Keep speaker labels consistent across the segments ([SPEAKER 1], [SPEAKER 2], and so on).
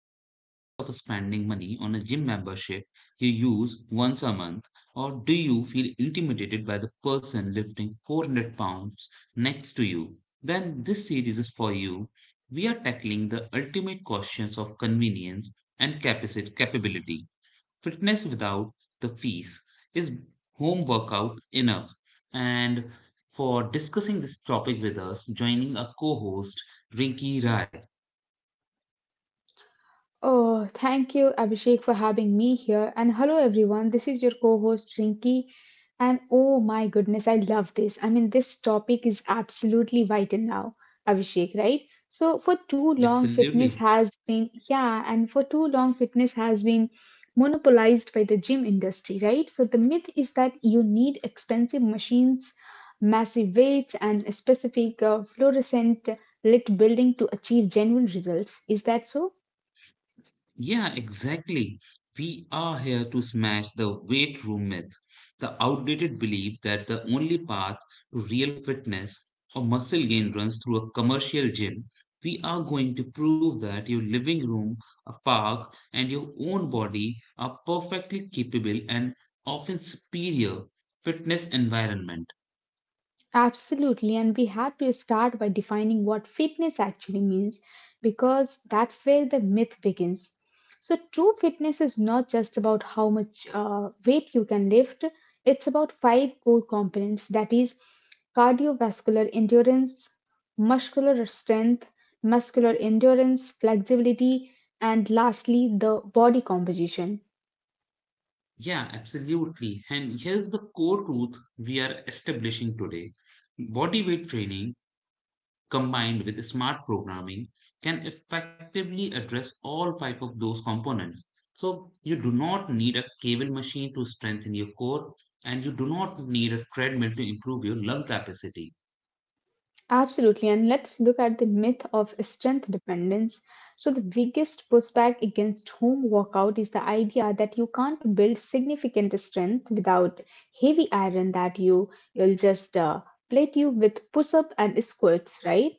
[SPEAKER 1] Are you tired of spending money on a gym membership you use once a month, or do you feel intimidated by the person lifting 400 pounds next to you? Then this series is for you. We are tackling the ultimate questions of convenience and capacity capability. Fitness without the fees is home workout enough? And for discussing this topic with us, joining a co-host Rinki Rai.
[SPEAKER 2] Oh, thank you, Abhishek, for having me here. And hello, everyone. This is your co host, Rinki. And oh my goodness, I love this. This topic is absolutely vital now, Abhishek, right? So,
[SPEAKER 1] Absolutely.
[SPEAKER 2] for too long, fitness has been monopolized by the gym industry, right? So, the myth is that you need expensive machines, massive weights, and a specific fluorescent lit building to achieve genuine results. Is that so?
[SPEAKER 1] Yeah, exactly. We are here to smash the weight room myth, the outdated belief that the only path to real fitness or muscle gain runs through a commercial gym. We are going to prove that your living room, a park, and your own body are perfectly capable and often superior fitness environment.
[SPEAKER 2] Absolutely, and we have to start by defining what fitness actually means because that's where the myth begins. So, true fitness is not just about how much weight you can lift, it's about five core components that is, cardiovascular endurance, muscular strength, muscular endurance, flexibility, and lastly, the body composition.
[SPEAKER 1] Yeah, absolutely. And here's the core truth we are establishing today. Bodyweight training combined with smart programming can effectively address all five of those components. So you do not need a cable machine to strengthen your core, and you do not need a treadmill to improve your lung capacity.
[SPEAKER 2] Absolutely, and let's look at the myth of strength dependence. So, the biggest pushback against home workout is the idea that you can't build significant strength without heavy iron that you'll just plate you with push up and squats, right?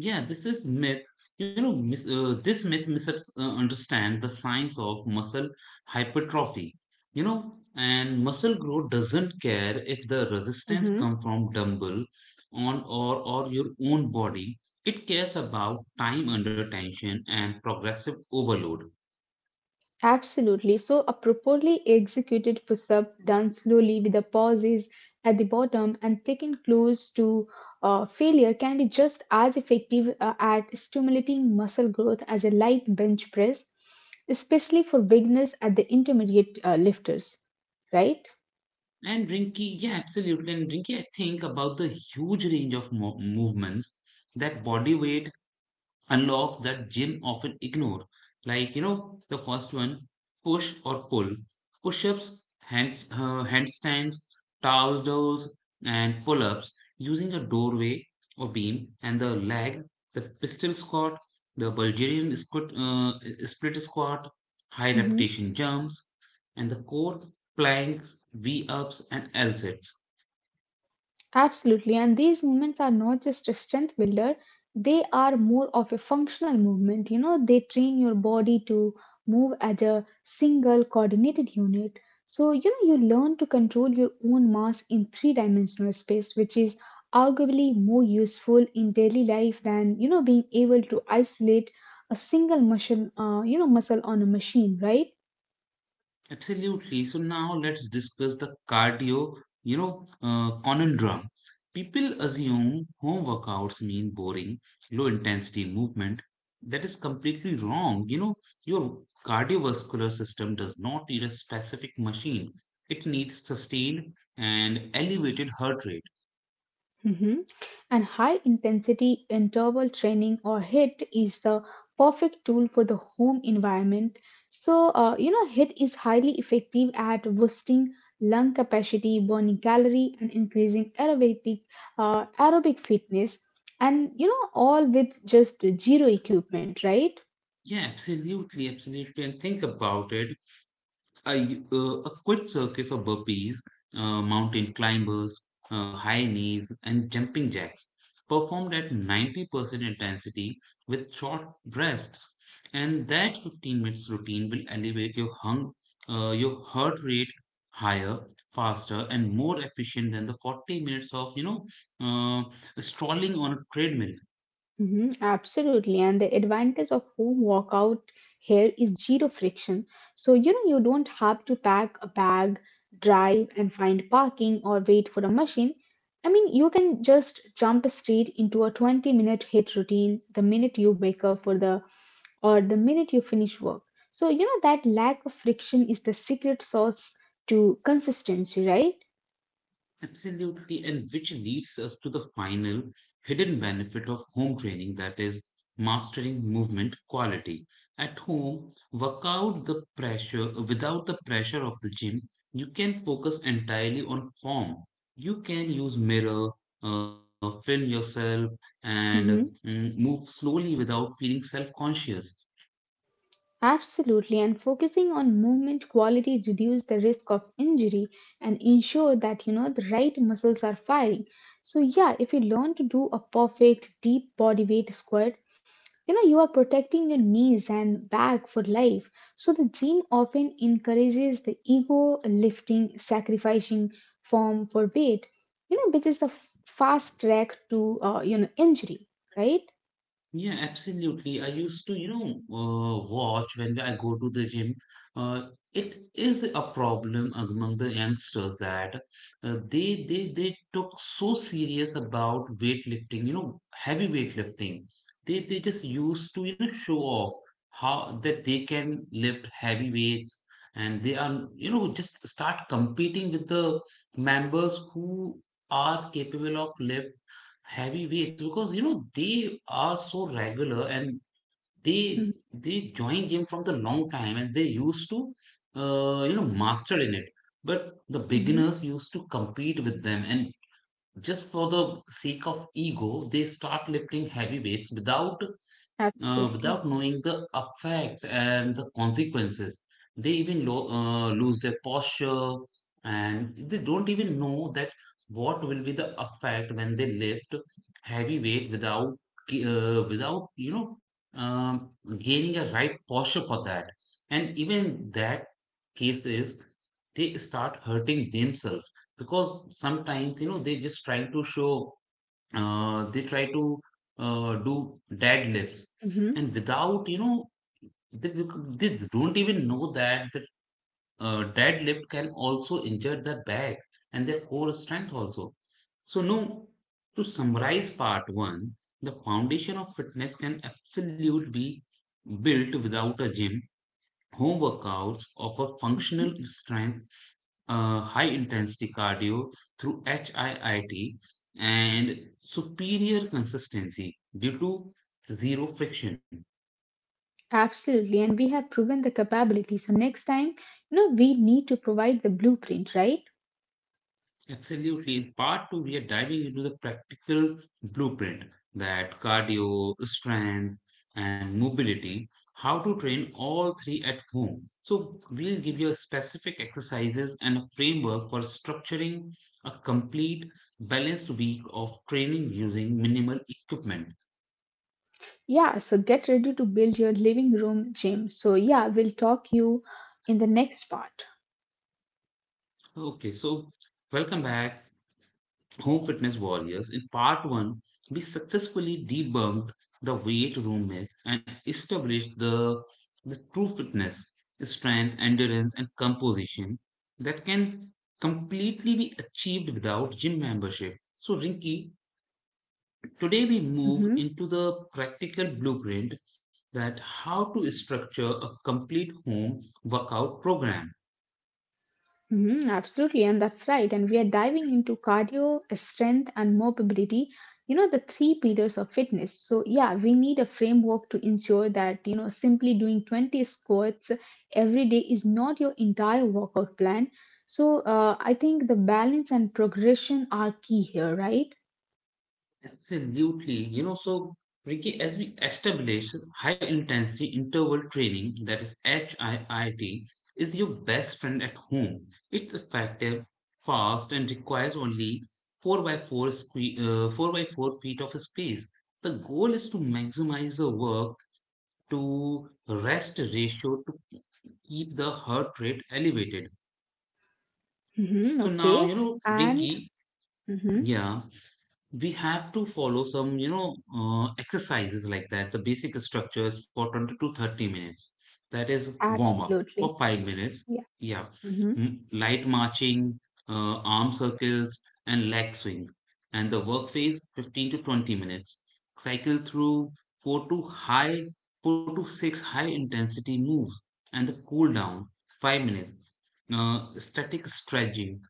[SPEAKER 1] Yeah, this is myth. You know, this myth misunderstands the science of muscle hypertrophy. You know, and muscle growth doesn't care if the resistance comes from dumbbell on or your own body. It cares about time under tension and progressive overload.
[SPEAKER 2] Absolutely. So, a properly executed push up done slowly with the pauses at the bottom and taken close to failure can be just as effective at stimulating muscle growth as a light bench press, especially for beginners at the intermediate lifters, right?
[SPEAKER 1] And Rinky, yeah, absolutely. And Rinky, I think about the huge range of movements that body weight unlock that gym often ignore. Like, you know, the first one, push or pull. Push-ups, handstands, towel rolls, and pull-ups using a doorway or beam and the leg, the pistol squat, the Bulgarian squat, split squat, high
[SPEAKER 2] Mhm.
[SPEAKER 1] repetition jumps, and the core planks, V-ups, and L-sets.
[SPEAKER 2] Absolutely. And these movements are not just a strength builder, they are more of a functional movement. You know, they train your body to move as a single coordinated unit. So, you know, you learn to control your own mass in three dimensional space, which is arguably more useful in daily life than, you know, being able to isolate a single muscle, muscle on a machine, right?
[SPEAKER 1] Absolutely. So now let's discuss the cardio, conundrum. People assume home workouts mean boring, low intensity movement. That is completely wrong. You know, your cardiovascular system does not need a specific machine. It needs sustained and elevated heart rate.
[SPEAKER 2] Mhm. And high intensity interval training or HIT is the perfect tool for the home environment. So, you know, HIT is highly effective at boosting lung capacity, burning calorie, and increasing aerobic fitness. And, you know, all with just zero equipment, right?
[SPEAKER 1] Yeah, absolutely, absolutely. And think about it. A quick circus of burpees, mountain climbers, high knees, and jumping jacks performed at 90% intensity with short rests. And that 15 minutes routine will elevate your your heart rate higher, faster, and more efficient than the 40 minutes of uh, strolling on a treadmill.
[SPEAKER 2] Mhm, absolutely. And the advantage of home workout here is zero friction. So, you know, you don't have to pack a bag, drive and find parking or wait for a machine. You can just jump straight into a 20-minute hit routine the minute you wake up for the or the minute you finish work. So, you know, that lack of friction is the secret sauce to consistency, right?
[SPEAKER 1] Absolutely, and which leads us to the final hidden benefit of home training that is mastering movement quality. At home, work out the pressure without the pressure of the gym, you can focus entirely on form. You can use mirror, film yourself, and
[SPEAKER 2] Mm-hmm.
[SPEAKER 1] move slowly without feeling self-conscious.
[SPEAKER 2] Absolutely, and focusing on movement quality reduce the risk of injury and ensure that you know the right muscles are firing. So yeah, if you learn to do a perfect deep body weight squat, you know you are protecting your knees and back for life. So the gym often encourages the ego lifting, sacrificing form for weight, you know, which is the fast track to you know injury, right?
[SPEAKER 1] Yeah, absolutely. I used to, you know, watch when I go to the gym. Uh, it is a problem among the youngsters that they took so serious about weightlifting, you know, heavy weightlifting. They just used to, you know, show off how that they can lift heavy weights, and they are, you know, just start competing with the members who are capable of lift heavyweights because you know they are so regular and they
[SPEAKER 2] Mm-hmm.
[SPEAKER 1] they join gym from the long time and they used to you know master in it, but the
[SPEAKER 2] Mm-hmm.
[SPEAKER 1] beginners used to compete with them, and just for the sake of ego they start lifting heavy weights without without
[SPEAKER 2] Absolutely.
[SPEAKER 1] knowing the effect and the consequences. They even lose their posture and they don't even know that what will be the effect when they lift heavy weight without without you know um, gaining a right posture for that. And even that case is they start hurting themselves because sometimes you know they just trying to show they try to do deadlifts
[SPEAKER 2] Mm-hmm.
[SPEAKER 1] and without you know they don't even know that the deadlift can also injure their back and their core strength also. So no, to summarize part one, the foundation of fitness can absolutely be built without a gym. Home workouts offer functional strength, high intensity cardio through HIIT, and superior consistency due to zero friction.
[SPEAKER 2] Absolutely, and we have proven the capability. So next time, you know, we need to provide the blueprint, right?
[SPEAKER 1] Absolutely. In part two, we are diving into the practical blueprint that cardio, strength, and mobility, how to train all three at home. So, we'll give you specific exercises and a framework for structuring a complete balanced week of training using minimal equipment.
[SPEAKER 2] Yeah, so get ready to build your living room gym. So yeah, we'll talk you in the next part.
[SPEAKER 1] Okay, so welcome back, Home Fitness Warriors. In part one, we successfully debunked the weight room myth and established the true fitness, strength, endurance, and composition that can completely be achieved without gym membership. So, Rinki, today we move
[SPEAKER 2] Mhm.
[SPEAKER 1] into the practical blueprint that how to structure a complete home workout program.
[SPEAKER 2] Mhm, absolutely, and that's right. And we are diving into cardio, strength, and mobility. You know, the three pillars of fitness. So, yeah, we need a framework to ensure that, you know, simply doing 20 squats every day is not your entire workout plan. So, I think the balance and progression are key here, right?
[SPEAKER 1] Absolutely. You know, so Ricky, as we established, high intensity interval training, that is HIIT, is your best friend at home. It's effective, fast, and requires only 4 by 4 by 4 feet of space. The goal is to maximize the work to rest ratio to keep the heart rate elevated.
[SPEAKER 2] Hmm,
[SPEAKER 1] So now, you
[SPEAKER 2] okay.
[SPEAKER 1] know,
[SPEAKER 2] And
[SPEAKER 1] Ricky,
[SPEAKER 2] mhm,
[SPEAKER 1] yeah, we have to follow some you know exercises like that. The basic structure is for 20 to 30 minutes, that is warm up
[SPEAKER 2] absolutely.
[SPEAKER 1] for 5 minutes,
[SPEAKER 2] Yeah.
[SPEAKER 1] yeah,
[SPEAKER 2] Mm-hmm.
[SPEAKER 1] Light marching, arm circles and leg swings, and the work phase 15 to 20 minutes, cycle through 4 to high 4 to 6 high intensity moves, and the cool down 5 minutes static stretching.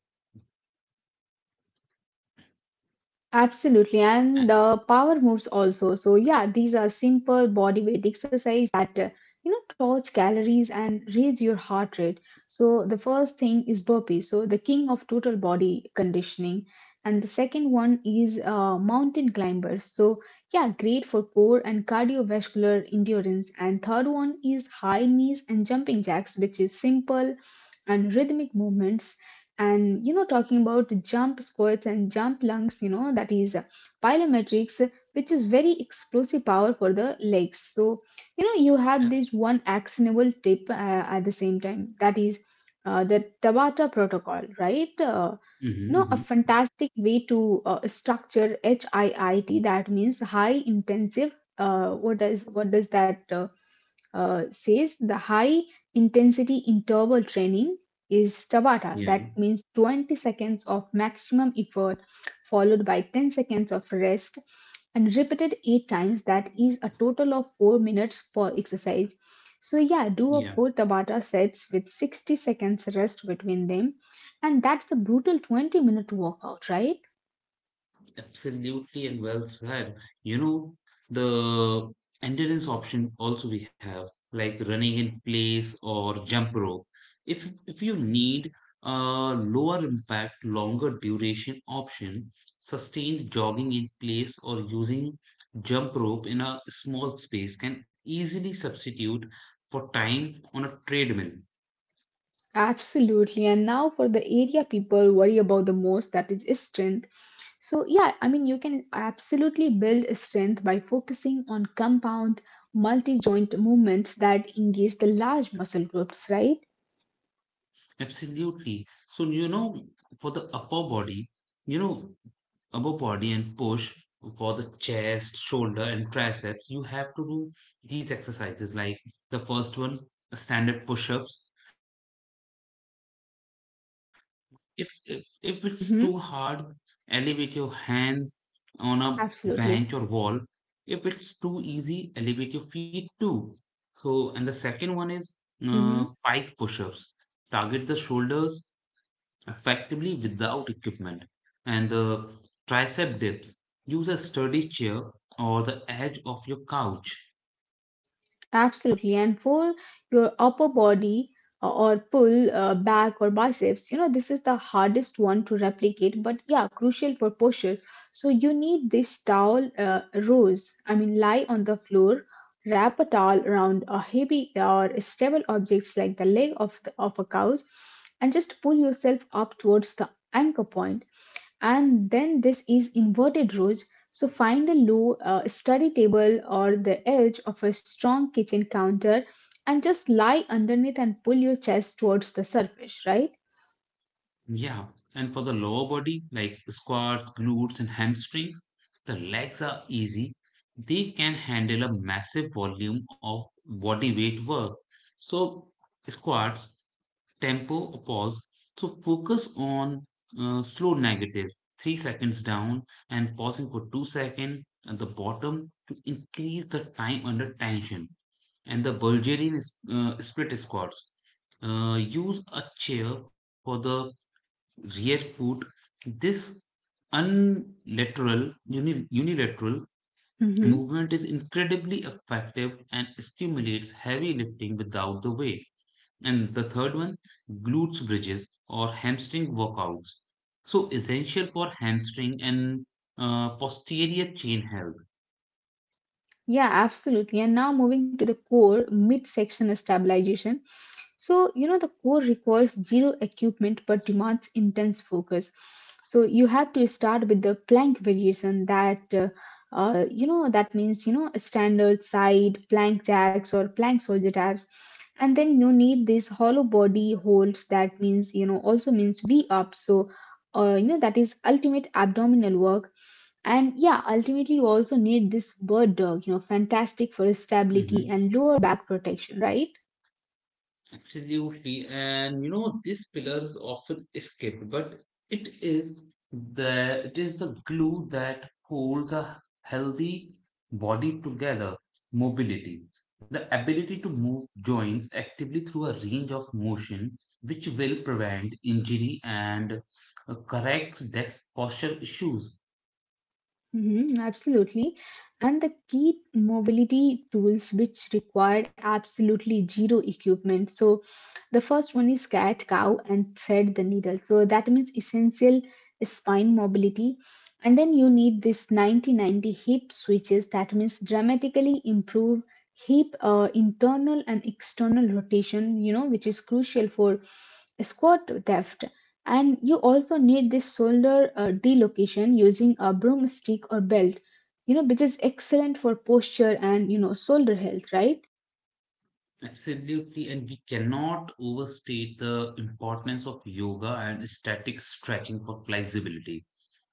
[SPEAKER 2] Absolutely,
[SPEAKER 1] uh,
[SPEAKER 2] and the power moves also. So yeah, these are simple body weight exercise that you know torch calories and raise your heart rate. So the first thing is burpee, so the king of total body conditioning, and the second one is mountain climbers. So yeah, great for core and cardiovascular endurance. And third one is high knees and jumping jacks, which is simple and rhythmic movements and you know talking about jump squats and jump lunges you know that is plyometrics, which is very explosive power for the legs so you know you
[SPEAKER 1] uh,
[SPEAKER 2] have this one actionable tip at the same time that is the tabata protocol, right?
[SPEAKER 1] mhm,
[SPEAKER 2] No, a
[SPEAKER 1] mhm.
[SPEAKER 2] fantastic way to structure HIIT. That means high intensive. What does that says? The high intensity interval training is Tabata.
[SPEAKER 1] Yeah,
[SPEAKER 2] That means 20 seconds of maximum effort, followed by 10 seconds of rest, and repeated 8 times. That is a total of 4 minutes per exercise. So yeah, do a
[SPEAKER 1] yeah.
[SPEAKER 2] 4 Tabata sets with 60 seconds rest between them and that's a brutal 20-minute workout, right?
[SPEAKER 1] Absolutely, and well said. You know, the endurance option also we have, like running in place or jump rope. If you need a lower impact, longer duration option, sustained jogging in place or using jump rope in a small space can easily substitute for time on a treadmill.
[SPEAKER 2] Absolutely. And now for the area people worry about the most that is strength. So, yeah, you can absolutely build strength by focusing on compound multi joint movements that engage the large muscle groups, right?
[SPEAKER 1] Absolutely. So, you know, for the upper body, you know, upper body and push for the chest, shoulder, and triceps, you have to do these exercises. Like the first one, standard push ups. If it's
[SPEAKER 2] Mm-hmm.
[SPEAKER 1] too hard, elevate your hands on a
[SPEAKER 2] Absolutely.
[SPEAKER 1] bench or wall. If it's too easy, elevate your feet too. So, and the second one is
[SPEAKER 2] Mhm.
[SPEAKER 1] pike push ups. Target the shoulders effectively without equipment, and the tricep dips. Use a sturdy chair or the edge of your couch.
[SPEAKER 2] Absolutely. And for your upper body or pull, back or biceps, you know, this is the hardest one to replicate, but yeah, crucial for posture. So you need this towel rose. Lie on the floor, wrap a towel around a heavy or stable objects like the leg of a couch, and just pull yourself up towards the anchor point. And then this is inverted ridge, so find a low study table or the edge of a strong kitchen counter and just lie underneath and pull your chest towards the surface, right?
[SPEAKER 1] Yeah, and for the lower body, like squats, glutes, and hamstrings, the legs are easy. They can handle a massive volume of body weight work. So, squats tempo or pause. So focus on slow negative, 3 seconds down and pausing for 2 seconds at the bottom to increase the time under tension. And the split squats. Use a chair for the rear foot. This unilateral
[SPEAKER 2] Mhm.
[SPEAKER 1] movement is incredibly effective and stimulates heavy lifting without the weight. And the third one, glutes bridges or hamstring workouts. So essential for hamstring and posterior chain health.
[SPEAKER 2] Yeah, absolutely. And now moving to the core midsection stabilization. So, you know, the core requires zero equipment but demands intense focus. So, you have to start with the plank variation that you know, that means, you know, a standard side plank jacks or plank soldier taps. And then you need these hollow body holds that means, you know, also means V up. So, you know, that is ultimate abdominal work and yeah, ultimately, you also need this bird dog, you know, fantastic for stability
[SPEAKER 1] Mhm.
[SPEAKER 2] and lower back protection, right?
[SPEAKER 1] Absolutely. And you know, this pillar is often skipped, but it is the glue that holds a healthy body together. Mobility. The ability to move joints actively through a range of motion, which will prevent injury and corrects desk posture issues.
[SPEAKER 2] Mhm, absolutely. And the key mobility tools which required absolutely zero equipment. So the first one is cat cow and thread the needle. So that means essential spine mobility. And then you need this 90 90 hip switches. That means dramatically improve hip internal and external rotation, you know, which is crucial for squat depth. And you also need this shoulder delocation using a broomstick or belt, you know, which is excellent for posture and you know shoulder health, right?
[SPEAKER 1] Absolutely, and we cannot overstate the importance of yoga and static stretching for flexibility,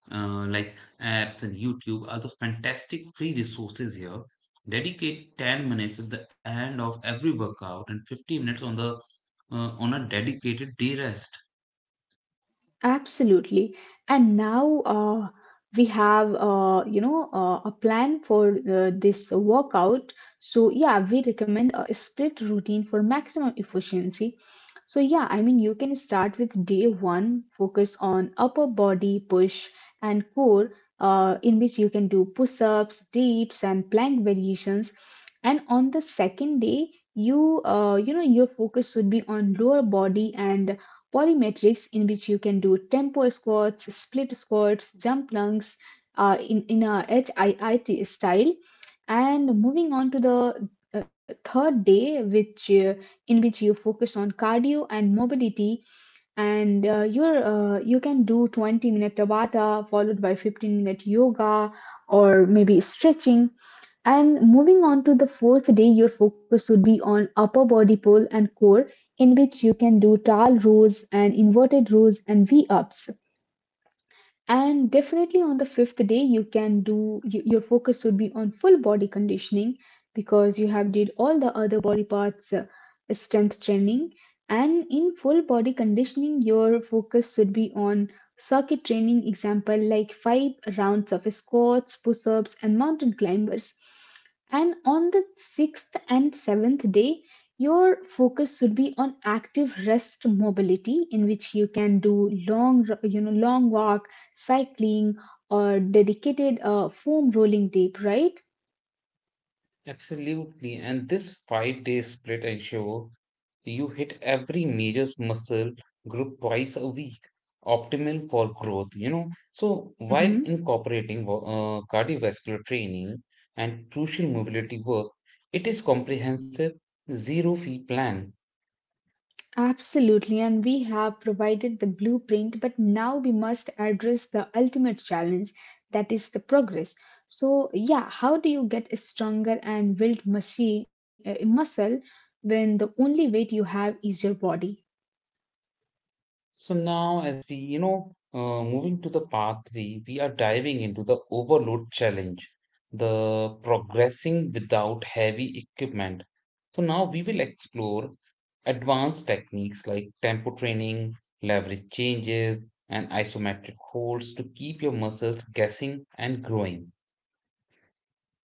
[SPEAKER 1] like apps and YouTube are the fantastic free resources here. Dedicate 10 minutes at the end of every workout and 15 minutes on the on a dedicated day rest.
[SPEAKER 2] Absolutely. And now we have, you know, a plan for this workout. So yeah, we recommend a split routine for maximum efficiency. So yeah, you can start with day one, focus on upper body push and core, in which you can do push-ups, dips, and plank variations. And on the second day, you, you know, your focus should be on lower body and Polymetrics, in which you can do tempo squats, split squats, jump lunges in a HIIT style. And moving on to the third day, which in which you focus on cardio and mobility, and you can do 20-minute Tabata followed by 15 minute yoga or maybe stretching. And moving on to the fourth day, your focus would be on upper body pull and core, in which you can do tall rows and inverted rows and V ups. And definitely on the fifth day you can do your focus should be on full body conditioning because you have did all the other body parts strength training. And in full body conditioning your focus should be on circuit training example like five rounds of squats push-ups and mountain climbers. And on the sixth and seventh day, your focus should be on active rest mobility, in which you can do long, you know, long walks cycling, or dedicated foam rolling tape, right?
[SPEAKER 1] Absolutely. And this 5 day split ensure you hit every major muscle group twice a week, optimal for growth, you know. So while
[SPEAKER 2] Hmm.
[SPEAKER 1] incorporating cardiovascular training and crucial mobility work, it is comprehensive zero fee plan.
[SPEAKER 2] Absolutely, and we have provided the blueprint, but now we must address the ultimate challenge that is the progress. So, yeah, how do you get a stronger and build muscle, muscle when the only weight you have is your body?
[SPEAKER 1] So now, as we, you know, moving to the part three, we are diving into the overload challenge, the progressing without heavy equipment. So now we will explore advanced techniques like tempo training, leverage changes, and isometric holds to keep your muscles guessing and growing.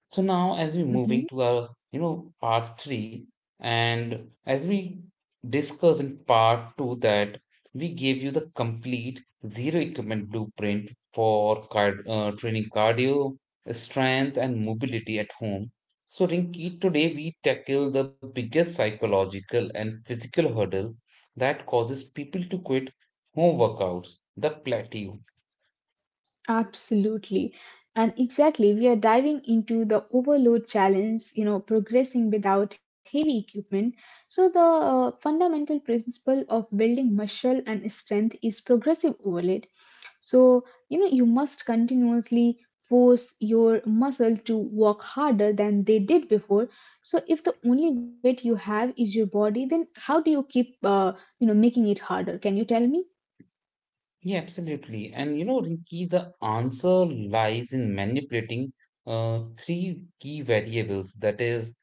[SPEAKER 1] So now, as we're moving to our, you know, part three, and as we discussed in part two, that we gave you the complete zero equipment blueprint for training cardio, strength, and mobility at home. So, Rinki, today we tackle the biggest psychological and physical hurdle that causes people to quit home workouts, the plateau.
[SPEAKER 2] Absolutely. And exactly, we are diving into the overload challenge, you know, progressing without heavy equipment. So, the fundamental principle of building muscle and strength is progressive overload. So, you know, you must continuously force your muscle to work harder than they did before. So, if the only weight you have is your body, then how do you keep, you know, making it harder? Can you tell me?
[SPEAKER 1] Yeah, absolutely. And you know, Rinki, the answer lies in manipulating three key variables that is,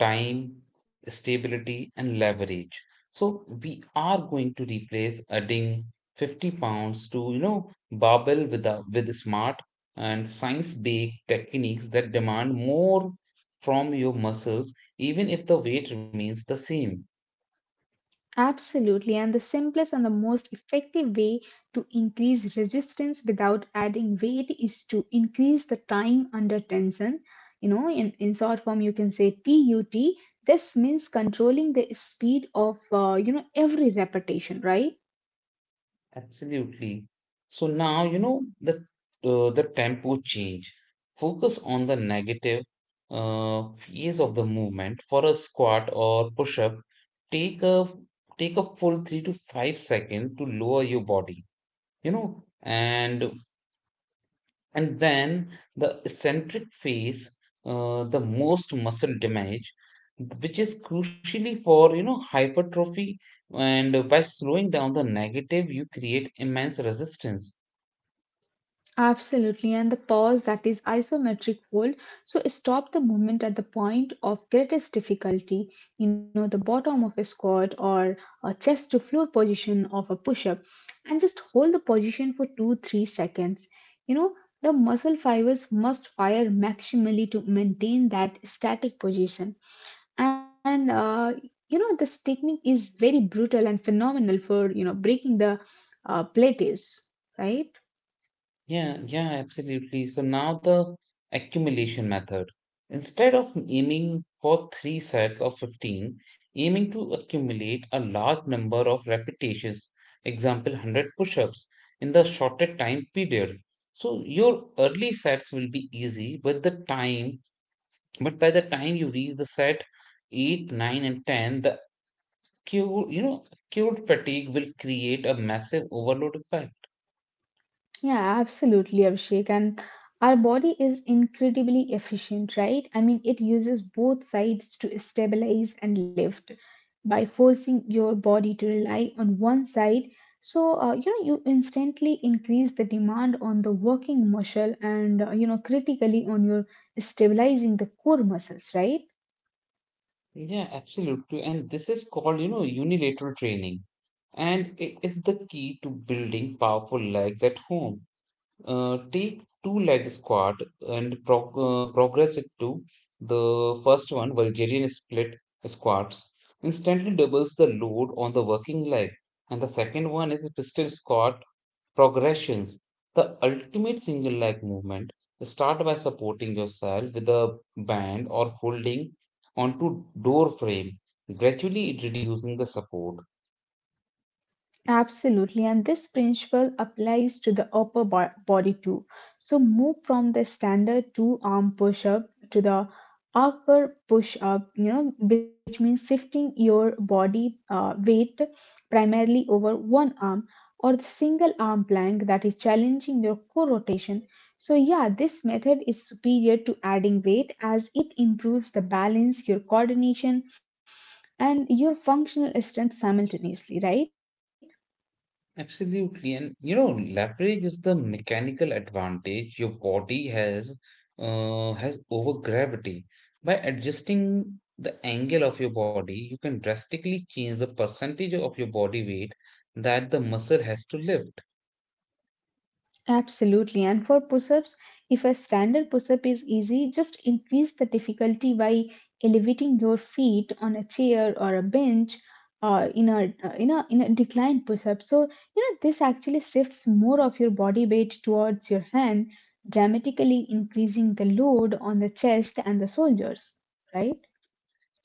[SPEAKER 1] time, stability, and leverage. So we are going to replace adding 50 pounds to, you know, barbell with smart and science-based techniques that demand more from your muscles, even if the weight remains the same.
[SPEAKER 2] Absolutely, and the simplest and the most effective way to increase resistance without adding weight is to increase the time under tension. You know, in short form, you can say TUT. This means controlling the speed of you know every repetition, right?
[SPEAKER 1] Absolutely. So now, you know, the tempo change. Focus on the negative phase of the movement for a squat or push-up. Take a Take a full 3 to 5 seconds to lower your body, you know, and then the eccentric phase, the most muscle damage, which is crucially for you know hypertrophy, and by slowing down the negative, you create immense resistance.
[SPEAKER 2] Absolutely, and the pause that is isometric hold. So stop the movement at the point of greatest difficulty, you know, the bottom of a squat or a chest to floor position of a push up, and just hold the position for 2 3 seconds. You know, the muscle fibers must fire maximally to maintain that static position, and you know, this technique is very brutal and phenomenal for you know breaking the plates, right?
[SPEAKER 1] Yeah, yeah, absolutely. So now the accumulation method. Instead of aiming for three sets of 15, aiming to accumulate a large number of repetitions, example 100 push-ups in the shorter time period. So your early sets will be easy, but but by the time you reach the set 8, 9 and 10, the acute, you know, acute fatigue will create a massive overload effect.
[SPEAKER 2] Yeah, absolutely, Abhishek. And our body is incredibly efficient, right? I mean, it uses both sides to stabilize and lift. By forcing your body to rely on one side, so you know you instantly increase the demand on the working muscle and you know critically on your stabilizing the core muscles, right?
[SPEAKER 1] Yeah, absolutely. And this is called, unilateral training. And it is the key to building powerful legs at home. Take two leg squat and progress it to the first one, Bulgarian split squats. Instantly doubles the load on the working leg. And the second one is pistol squat, progressions, the ultimate single leg movement. Start by supporting yourself with a band or holding onto door frame, gradually reducing the support.
[SPEAKER 2] Absolutely, and this principle applies to the upper body too. So move from the standard two arm push up to the upper push up, you know, which means shifting your body weight primarily over one arm or the single arm plank that is challenging your core rotation. So, yeah, this method is superior to adding weight as it improves the balance, your coordination, and your functional strength simultaneously, right?
[SPEAKER 1] Absolutely, and leverage is the mechanical advantage your body has over gravity. By adjusting the angle of your body, you can drastically change the percentage of your body weight that the muscle has to lift.
[SPEAKER 2] Absolutely. And for push ups, if a standard push up is easy, just increase the difficulty by elevating your feet on a chair or a bench or in a declined push up. So, you know, this actually shifts more of your body weight towards your hand, dramatically increasing the load on the chest and the shoulders, right?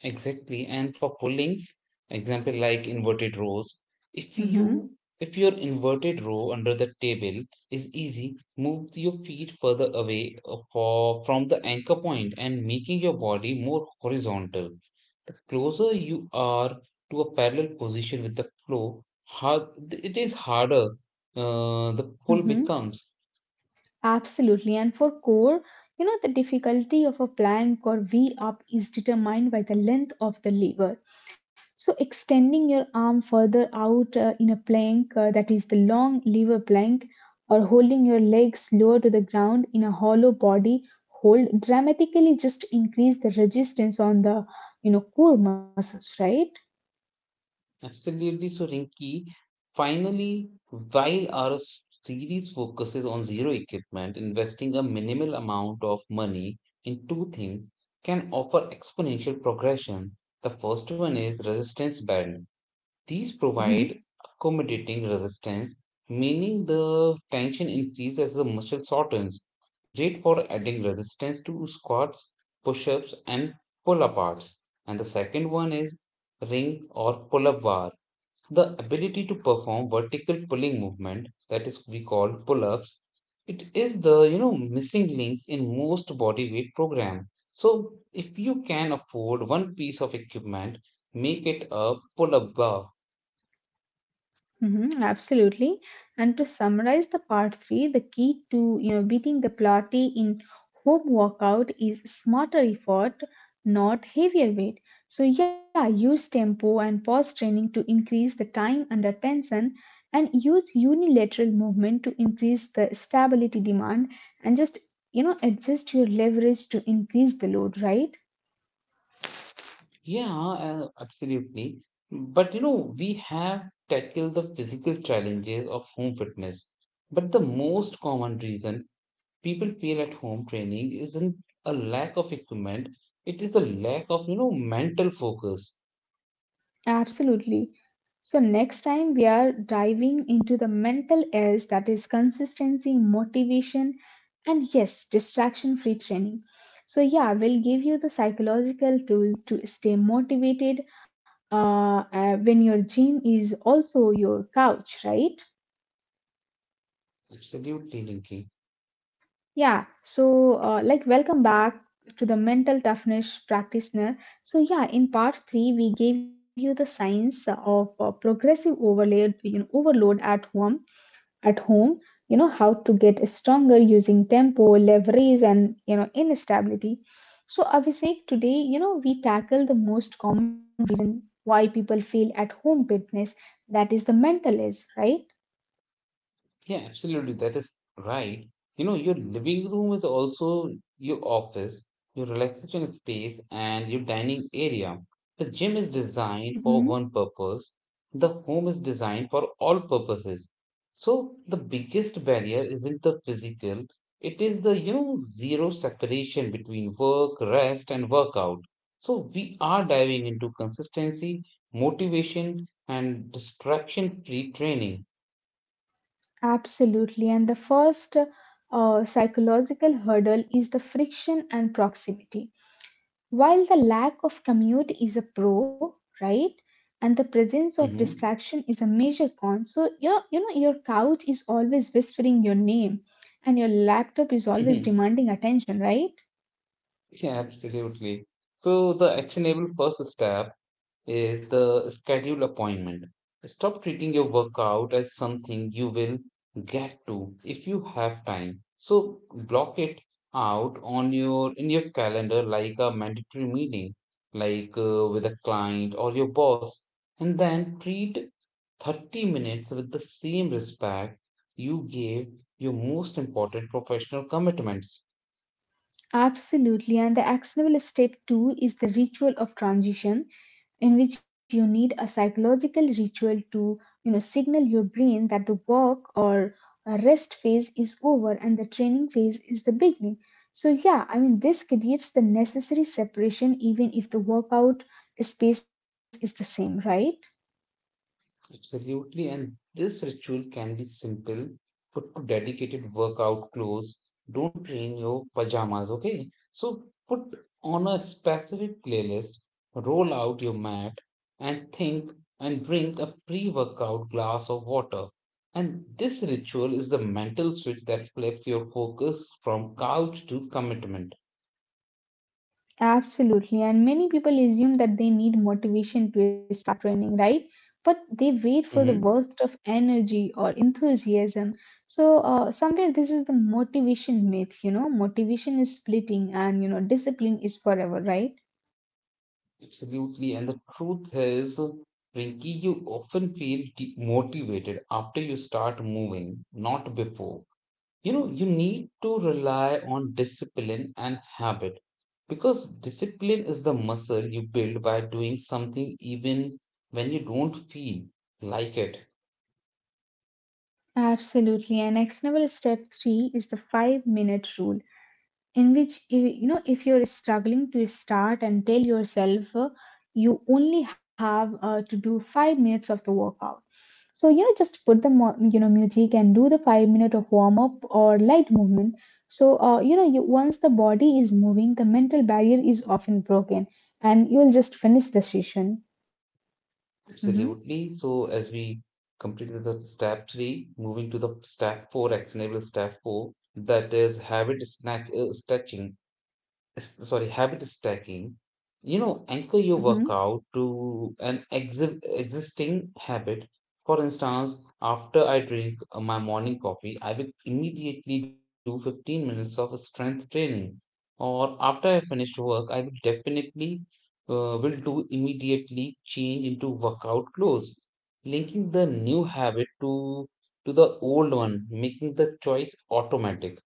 [SPEAKER 1] Exactly. And for pullings, example like inverted rows, if you
[SPEAKER 2] Mm-hmm.
[SPEAKER 1] if your inverted row under the table is easy, move your feet further away from the anchor point and making your body more horizontal. The closer you are to a parallel position with the flow, it is harder the pull
[SPEAKER 2] Mm-hmm.
[SPEAKER 1] becomes.
[SPEAKER 2] Absolutely. And for core, you know, the difficulty of a plank or V up is determined by the length of the lever. So, extending your arm further out in a plank, that is the long lever plank, or holding your legs lower to the ground in a hollow body hold, dramatically just increase the resistance on the, you know, core muscles, right?
[SPEAKER 1] Absolutely, so Rinki. Finally, while our series focuses on zero equipment, investing a minimal amount of money in two things can offer exponential progression. The first one is resistance band. These
[SPEAKER 2] Mhm.
[SPEAKER 1] provide accommodating resistance, meaning the tension increases as the muscle shortens. Great for adding resistance to squats, push ups, and pull aparts. And the second one is ring or pull up bar, the ability to perform vertical pulling movement that is we call pull-ups. It is the missing link in most body weight program. So if you can afford one piece of equipment, make it a pull-up bar.
[SPEAKER 2] Mm-hmm, absolutely. And to summarize the part three, the key to you know beating the platy in home workout is smarter effort, not heavier weight. So yeah, use tempo and pause training to increase the time under tension, and use unilateral movement to increase the stability demand, and just you know adjust your leverage to increase the load. Right?
[SPEAKER 1] Yeah, absolutely. But you know we have tackled the physical challenges of home fitness, but the most common reason people feel at home training isn't a lack of equipment, it is a lack of, mental focus.
[SPEAKER 2] Absolutely. So, next time we are diving into the mental edge that is consistency, motivation, and yes, distraction free training. So, yeah, we'll give you the psychological tool to stay motivated when your gym is also your couch, right?
[SPEAKER 1] Absolutely, Rinki.
[SPEAKER 2] Yeah, so like, welcome back to the mental toughness practitioner. So, yeah, in part three, we gave you the science of progressive overload, you know, overload at home at home. You know how to get stronger using tempo leverage and you know instability. So Abhishek, today you know we tackle the most common reason why people fail at home fitness, that is the mental age, right?
[SPEAKER 1] Yeah, absolutely. That is right. You know, your living room is also your office, your relaxation space, and your dining area. The gym is designed for
[SPEAKER 2] Hmm.
[SPEAKER 1] one purpose. The home is designed for all purposes. So the biggest barrier isn't the physical, it is the, zero separation between work, rest, and workout. So we are diving into consistency, motivation, and distraction-free training.
[SPEAKER 2] Absolutely. And the first psychological hurdle is the friction and proximity. While the lack of commute is a pro, right? And the presence of
[SPEAKER 1] Hmm.
[SPEAKER 2] distraction is a major con. So your you know your couch is always whispering your name and your laptop is always demanding attention, right?
[SPEAKER 1] Yeah, absolutely. So the actionable first step is the schedule appointment. Stop treating your workout as something you will get to if you have time. So block it out on your calendar like a mandatory meeting, like with a client or your boss, and then treat 30 minutes with the same respect you gave your most important professional commitments.
[SPEAKER 2] Absolutely. And the actionable step two is the ritual of transition, in which you need a psychological ritual to you know signal your brain that the work or rest phase is over and the training phase is the beginning. So yeah, I mean this creates the necessary separation even if the workout space is the same, right?
[SPEAKER 1] Absolutely, and this ritual can be simple. Put to dedicated workout clothes. Don't train your pajamas, okay? So put on a specific playlist, roll out your mat, and think and drink a pre workout glass of water. And this ritual is the mental switch that flips your focus from couch to commitment.
[SPEAKER 2] Absolutely. And many people assume that they need motivation to start running, right? But they wait for the
[SPEAKER 1] Mhm.
[SPEAKER 2] burst of energy or enthusiasm. So, somewhere this is the motivation myth, you know, motivation is splitting and, you know, discipline is forever, right?
[SPEAKER 1] Absolutely. And the truth is, Rinky, you often feel demotivated after you start moving, not before. You know, you need to rely on discipline and habit because discipline is the muscle you build by doing something even when you don't feel like it.
[SPEAKER 2] Absolutely. And actionable step three is the 5 minute rule, in which, if, you know, if you're struggling to start and tell yourself, to only have to do 5 minutes of the workout. So you know, just put the you know music and do the 5 minute of warm up or light movement. So you know, you, once the body is moving, the mental barrier is often broken, and you will just finish the session. Mm-hmm.
[SPEAKER 1] Absolutely. So, as we completed the step three, moving to the step four, actionable step four, that is habit snatch, stretching. S- sorry, habit stacking, you know, anchor your
[SPEAKER 2] Mm-hmm.
[SPEAKER 1] workout to an existing habit. For instance, after I drink my morning coffee, I will immediately do 15 minutes of strength training. Or after I finish work, I will definitely will do immediately change into workout clothes, linking the new habit to the old one, making the choice automatic.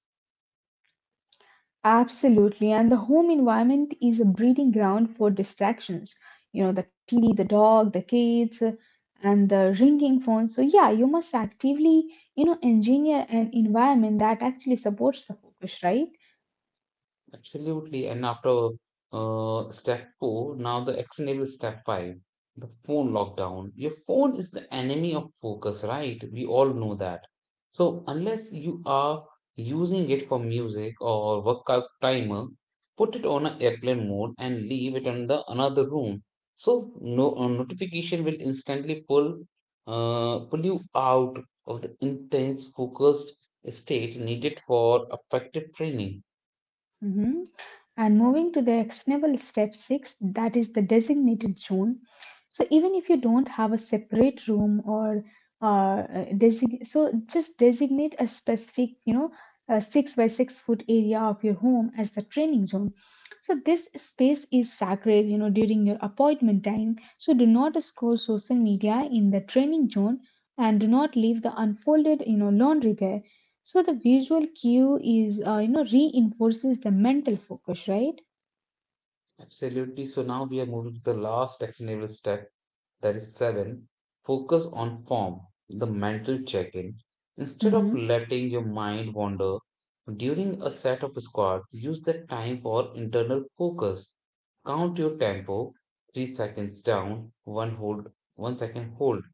[SPEAKER 2] Absolutely. And the home environment is a breeding ground for distractions. You know, the TV, the dog, the kids, and the ringing phone. So, yeah, you must actively, you know, engineer an environment that actually supports the focus, right?
[SPEAKER 1] Absolutely. And after step four, now the action name is step five, the phone lockdown. Your phone is the enemy of focus, right? We all know that. So unless you are using it for music or workout timer, put it on an airplane mode and leave it on the another room. So no notification will instantly pull pull you out of the intense focused state needed for effective training.
[SPEAKER 2] Hmm. And moving to the actionable step six, that is the designated zone. So even if you don't have a separate room or design, so just designate a specific, you know, a 6 by 6 foot area of your home as the training zone. So this space is sacred, you know, during your appointment time. So do not scroll social media in the training zone and do not leave the unfolded, you know, laundry there. So the visual cue is, you know, reinforces the mental focus, right?
[SPEAKER 1] Absolutely. So now we are moving to the last actionable step, that is seven. Focus on form, the mental check in. Instead of
[SPEAKER 2] Mm-hmm.
[SPEAKER 1] letting your mind wander during a set of squats, use that time for internal focus. Count your tempo, 3 seconds down, one hold, one second hold,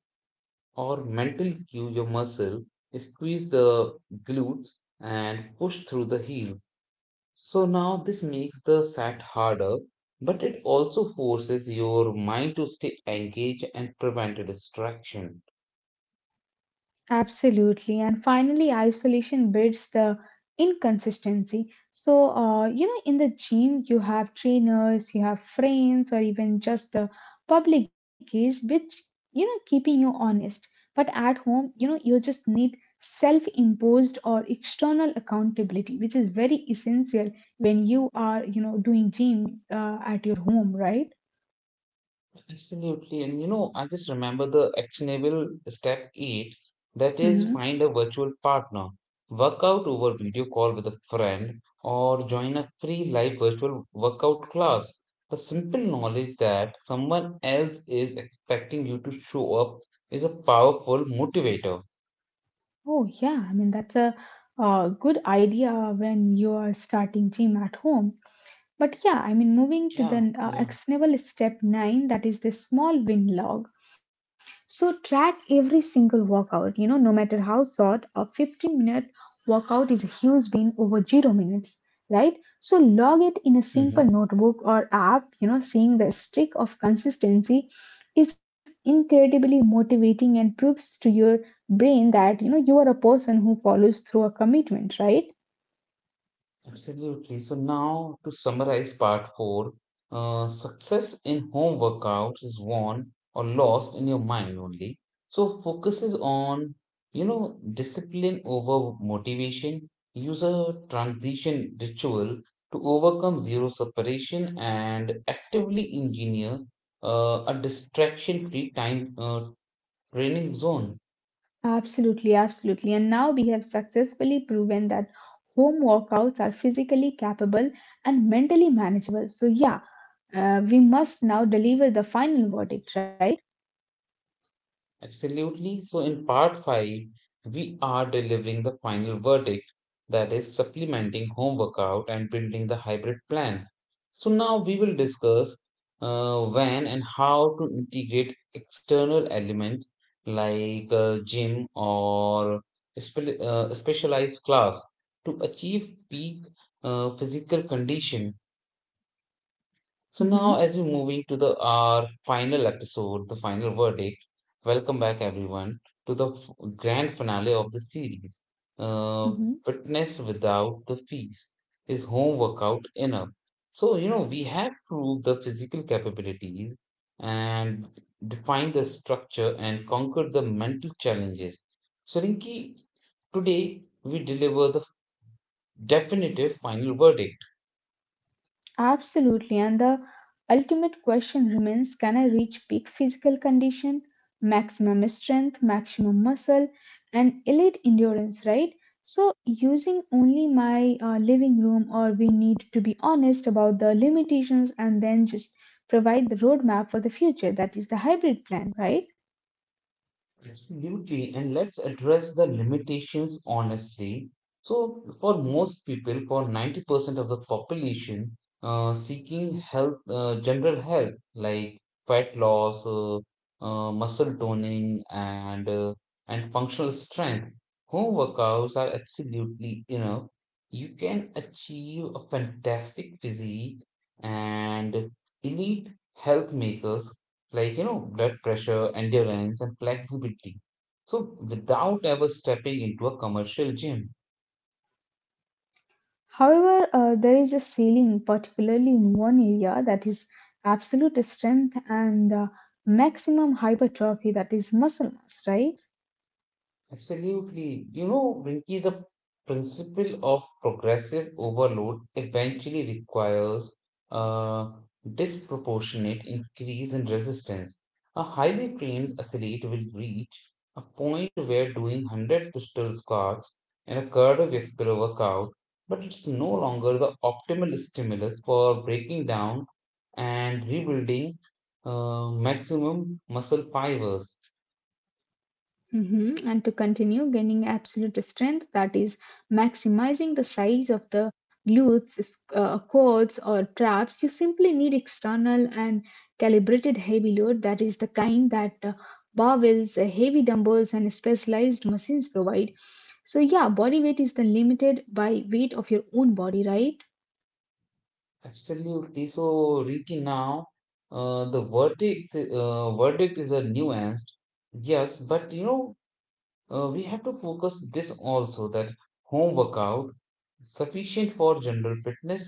[SPEAKER 1] or mentally cue your muscle, squeeze the glutes and push through the heels. So now this makes the set harder, but it also forces your mind to stay engaged and prevent a distraction.
[SPEAKER 2] Absolutely. And finally, isolation builds the inconsistency. So, you know, in the gym, you have trainers, you have friends, or even just the public gaze, which, you know, keeping you honest. But at home, you know, you just need self imposed or external accountability, which is very essential when you are, you know, doing gym at your home, right?
[SPEAKER 1] Absolutely. And you know, I just remember the actionable step eight, that is
[SPEAKER 2] Mhm.
[SPEAKER 1] find a virtual partner. Workout over video call with a friend or join a free live virtual workout class. The simple knowledge that someone else is expecting you to show up is a powerful motivator.
[SPEAKER 2] Oh, yeah. I mean, that's a good idea when you are starting gym at home. But yeah, I mean, moving to
[SPEAKER 1] Yeah,
[SPEAKER 2] the
[SPEAKER 1] yeah.
[SPEAKER 2] actionable step nine, that is the small win log. So track every single workout, you know, no matter how short, a 15-minute workout is a huge win over 0 minutes, right? So log it in a simple
[SPEAKER 1] Mhm.
[SPEAKER 2] notebook or app, you know, seeing the streak of consistency is incredibly motivating and proves to your brain that, you know, you are a person who follows through a commitment, right?
[SPEAKER 1] Absolutely. So now to summarize part four, success in home workouts is won or lost in your mind only. So focuses on, discipline over motivation. Use a transition ritual to overcome zero separation and actively engineer a distraction-free time training zone.
[SPEAKER 2] Absolutely, absolutely. And now we have successfully proven that home workouts are physically capable and mentally manageable. So, yeah. We must now deliver the final verdict, right?
[SPEAKER 1] Absolutely. So, in part 5, we are delivering the final verdict, that is, supplementing home workout and building the hybrid plan. So, now we will discuss when and how to integrate external elements like gym or specialized class to achieve peak physical condition. So
[SPEAKER 2] Mm-hmm,
[SPEAKER 1] now, as we're moving to the our final episode, the final verdict. Welcome back, everyone, to the grand finale of the series. Uh,
[SPEAKER 2] mm-hmm.
[SPEAKER 1] Fitness without the fees, is home workout enough? So you know we have proved the physical capabilities and defined the structure and conquered the mental challenges. So Rinki, today we deliver the definitive final verdict.
[SPEAKER 2] Absolutely. And the ultimate question remains, can I reach peak physical condition, maximum strength, maximum muscle, and elite endurance, right? So, using only my living room, or we need to be honest about the limitations and then just provide the roadmap for the future. That is the hybrid plan, right?
[SPEAKER 1] Absolutely. And let's address the limitations honestly. So, for most people, for 90% of the population, seeking health, general health, like fat loss, muscle toning, and and functional strength, home workouts are absolutely enough. You can achieve a fantastic physique and elite health makers like you know blood pressure endurance and flexibility, so without ever stepping into a commercial gym.
[SPEAKER 2] However, there is a ceiling, particularly in one area, that is absolute strength and maximum hypertrophy, that is muscle mass, right?
[SPEAKER 1] Absolutely, you know Rinki, the principle of progressive overload eventually requires a disproportionate increase in resistance. A highly trained athlete will reach a point where doing 100 pistol squats and a cardiovascular workout but it's no longer the optimal stimulus for breaking down and rebuilding maximum muscle fibers.
[SPEAKER 2] Hmm. And to continue gaining absolute strength, that is, maximizing the size of the glutes, cords, or traps, you simply need external and calibrated heavy load, that is, the kind that barbells, heavy dumbbells, and specialized machines provide. So, yeah, body weight is the limited by weight of your own body, right?
[SPEAKER 1] Absolutely. So, Ricky, now the verdict is a nuanced yes, but you know, we have to focus this also that home workout sufficient for general fitness,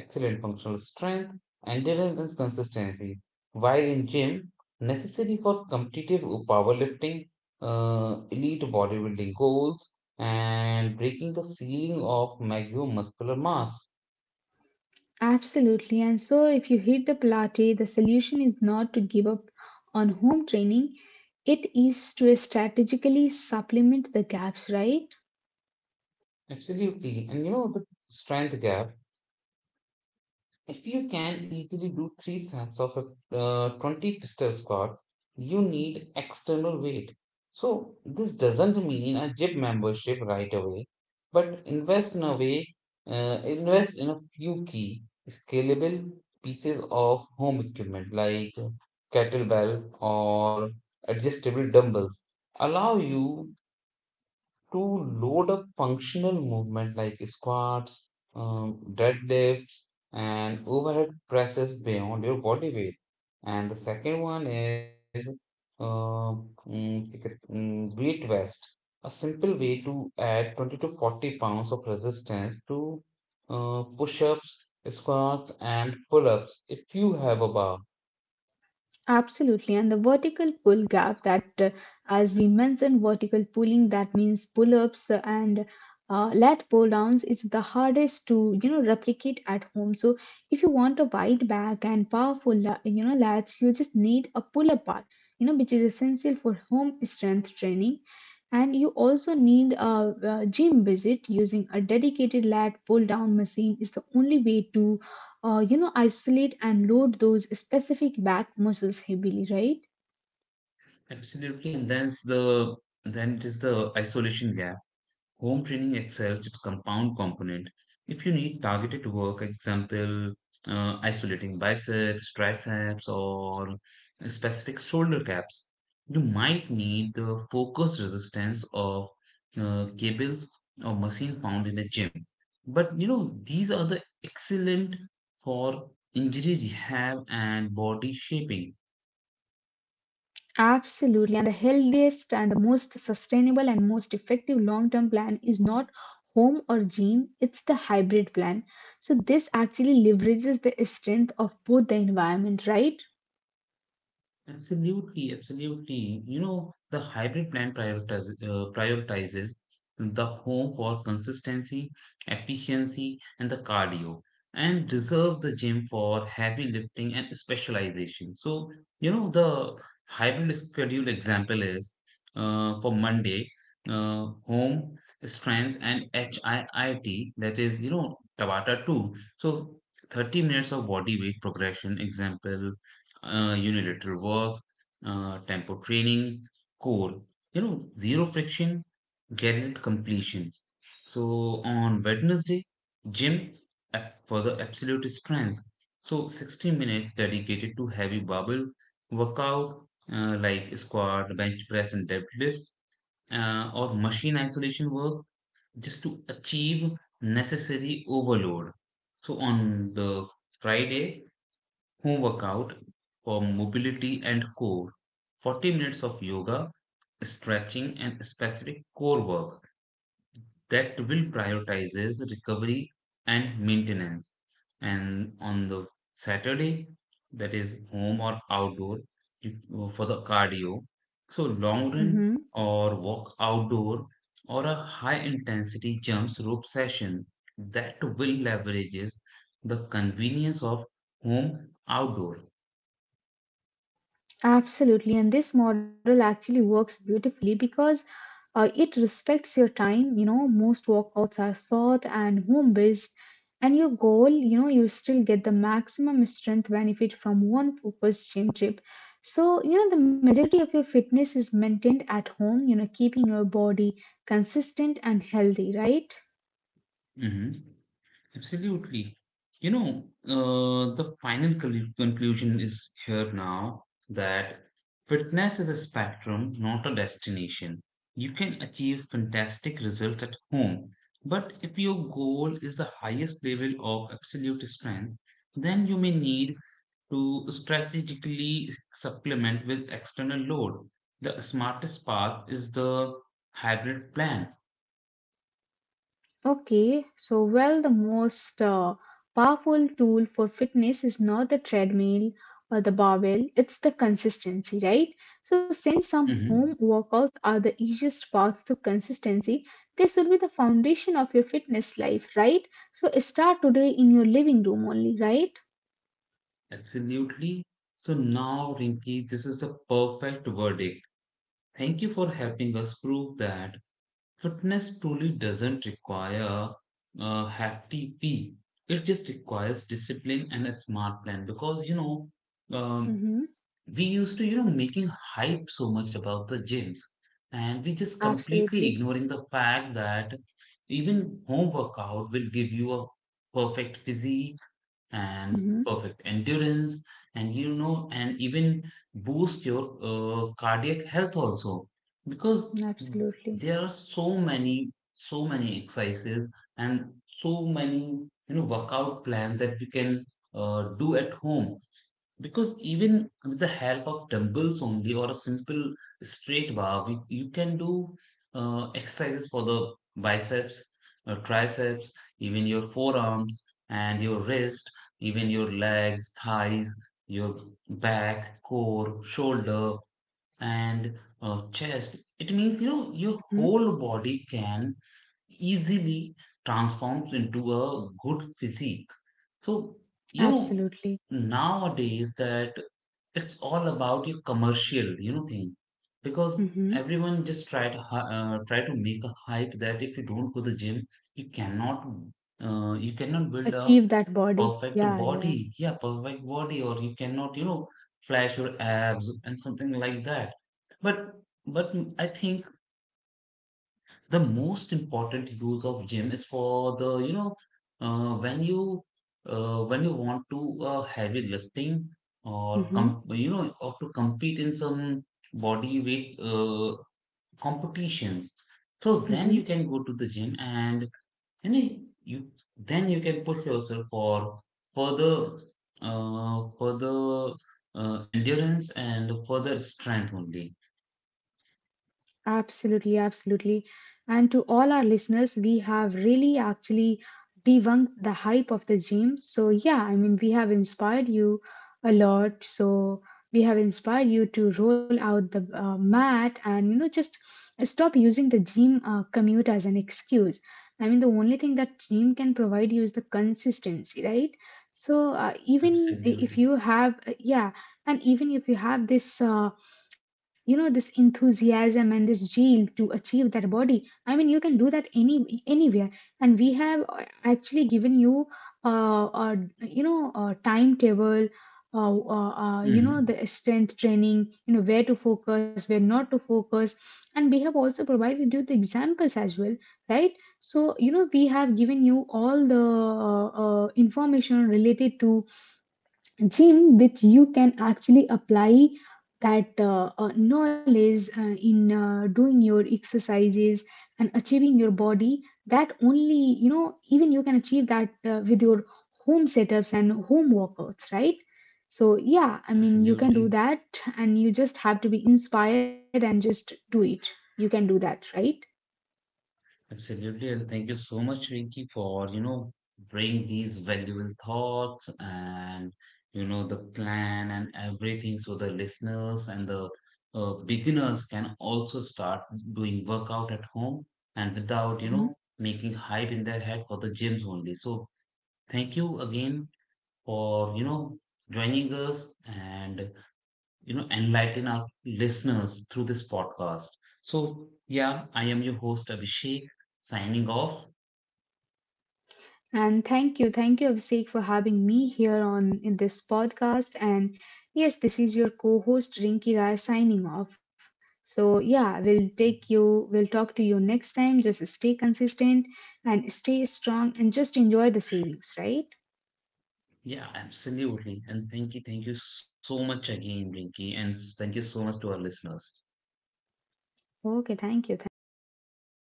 [SPEAKER 1] excellent functional strength, endurance and consistency. While in gym, necessary for competitive powerlifting, elite bodybuilding goals, and breaking the ceiling of maximum muscular mass.
[SPEAKER 2] Absolutely. And so, if you hit the Pilates, the solution is not to give up on home training, it is to strategically supplement the gaps, right?
[SPEAKER 1] Absolutely, and you know the strength gap. If you can easily do three sets of 20 pistol squats, you need external weight. So, this doesn't mean a gym membership right away, but invest in a few key scalable pieces of home equipment like kettlebell or adjustable dumbbells. Allow you to load up functional movement like squats, deadlifts, and overhead presses beyond your body weight. And the second one is uh, weight vest, a simple way to add 20 to 40 pounds of resistance to push ups, squats, and pull ups if you have a bar.
[SPEAKER 2] Absolutely, and the vertical pull gap that, as we mentioned, vertical pulling that means pull ups and lat pull downs is the hardest to you know replicate at home. So if you want a wide back and powerful you know lats, you just need a pull up bar, you know, which is essential for home strength training. And you also need a gym visit using a dedicated lat pull down machine is the only way to you know, isolate and load those specific back muscles heavily, right?
[SPEAKER 1] Absolutely, and then it is the isolation gap. Home training excels its compound component. If you need targeted work, example, isolating biceps, triceps, or specific shoulder caps, you might need the focused resistance of cables or machine found in a gym. But you know, these are the excellent for injury rehab and body shaping.
[SPEAKER 2] Absolutely. And the healthiest and the most sustainable and most effective long term plan is not home or gym, it's the hybrid plan. So, this actually leverages the strength of both the environment, right?
[SPEAKER 1] Absolutely, absolutely. You know, the hybrid plan prioritizes the home for consistency, efficiency, and the cardio, and reserve the gym for heavy lifting and specialization. So, you know, the hybrid schedule example is for Monday, home, strength, and HIIT, that is, you know, Tabata 2. So, 30 minutes of body weight progression example unilateral work, tempo training, core. You know, zero friction, guaranteed completion. So on Wednesday, gym for the absolute strength. So 60 minutes dedicated to heavy barbell workout like squat, bench press, and deadlifts, or machine isolation work just to achieve necessary overload. So on the Friday, home workout for mobility and core, 40 minutes of yoga, stretching, and specific core work that will prioritizes recovery and maintenance. And on the Saturday, that is home or outdoor for the cardio. So, long run
[SPEAKER 2] Mhm.
[SPEAKER 1] or walk outdoor or a high intensity jumps rope session that will leverages the convenience of home outdoor.
[SPEAKER 2] Absolutely, and this model actually works beautifully because it respects your time. You know, most workouts are short and home based, and your goal, you know, you still get the maximum strength benefit from one focused gym trip. So, you know, the majority of your fitness is maintained at home, you know, keeping your body consistent and healthy, right?
[SPEAKER 1] Hmm. Absolutely. You know, the final conclusion is here now that fitness is a spectrum, not a destination. You can achieve fantastic results at home, but if your goal is the highest level of absolute strength, then you may need to strategically supplement with external load. The smartest path is the hybrid plan.
[SPEAKER 2] Okay, so well, the most powerful tool for fitness is not the treadmill or the barbell, it's the consistency, right? So, since some home
[SPEAKER 1] Mm-hmm.
[SPEAKER 2] workouts are the easiest path to consistency, they should be the foundation of your fitness life, right? So, start today in your living room only, right?
[SPEAKER 1] Absolutely. So now, Rinki, this is the perfect verdict. Thank you for helping us prove that fitness truly doesn't require a hefty fee. It just requires discipline and a smart plan because, you know, um,
[SPEAKER 2] Mm-hmm.
[SPEAKER 1] we used to, you know, making hype so much about the gyms and we just
[SPEAKER 2] Absolutely.
[SPEAKER 1] completely ignoring the fact that even home workout will give you a perfect physique and
[SPEAKER 2] Mm-hmm.
[SPEAKER 1] perfect endurance and you know and even boost your cardiac health also because
[SPEAKER 2] Absolutely.
[SPEAKER 1] there are so many exercises and so many you know workout plans that we can do at home because even with the help of dumbbells only or a simple straight bar, you can do exercises for the biceps, triceps, even your forearms and your wrist, even your legs, thighs, your back, core, shoulder, and chest. It means you know your
[SPEAKER 2] Mm-hmm.
[SPEAKER 1] whole body can easily transforms into a good physique. So, you know,
[SPEAKER 2] Absolutely.
[SPEAKER 1] nowadays that it's all about your commercial, you know, thing because
[SPEAKER 2] Mm-hmm.
[SPEAKER 1] everyone just try to make a hype that if you don't go to the gym, you cannot you cannot build a
[SPEAKER 2] Achieve that body.
[SPEAKER 1] perfect
[SPEAKER 2] Yeah, yeah.
[SPEAKER 1] body, yeah, perfect body, or you cannot, you know, flash your abs and something like that. But but I think the most important use of gym is for the you know uh, when you when you want to heavy lifting or
[SPEAKER 2] Mm-hmm.
[SPEAKER 1] you know or to compete in some body weight competitions, so then
[SPEAKER 2] Mm-hmm.
[SPEAKER 1] you can go to the gym and you know you then you can push yourself for further further endurance and further strength only.
[SPEAKER 2] Absolutely, absolutely. And to all our listeners, we have really actually debunked the hype of the gym. So, yeah, I mean, we have inspired you a lot. So, we have inspired you to roll out the mat and, you know, just stop using the gym commute as an excuse. I mean, the only thing that gym can provide you is the consistency, right? So, even if
[SPEAKER 1] Absolutely.
[SPEAKER 2] you have, yeah, and even if you have this. You know this enthusiasm and this zeal to achieve that body, I mean you can do that anywhere, and we have actually given you uh, uh you know a timetable, you know
[SPEAKER 1] Hmm.
[SPEAKER 2] the strength training, you know where to focus where not to focus, and we have also provided you the examples as well, right? So you know we have given you all the information related to gym, which you can actually apply that knowledge in doing your exercises and achieving your body, that only you know even you can achieve that with your home setups and home workouts, right? So yeah, I mean you can do
[SPEAKER 1] Absolutely.
[SPEAKER 2] that, and you just have to be inspired and just do it. You can do that, right?
[SPEAKER 1] Absolutely, and thank you so much, Rinki, for you know bringing these valuable thoughts and you know the plan and everything, so the listeners and the beginners can also start doing workout at home and without you
[SPEAKER 2] Hmm.
[SPEAKER 1] know making hype in their head for the gyms only. So thank you again for you know joining us and you know enlighten our listeners through this podcast. So yeah, I am your host Abhishek signing off.
[SPEAKER 2] And thank you, Abhishek, for having me here on in this podcast. And yes, this is your co-host Rinki Rai signing off. So yeah, we'll talk to you next time. Just stay consistent and stay strong and just enjoy the savings, right?
[SPEAKER 1] Yeah, absolutely. And thank you so much again, Rinky, and thank you so much to our listeners.
[SPEAKER 2] Okay, thank you from my side.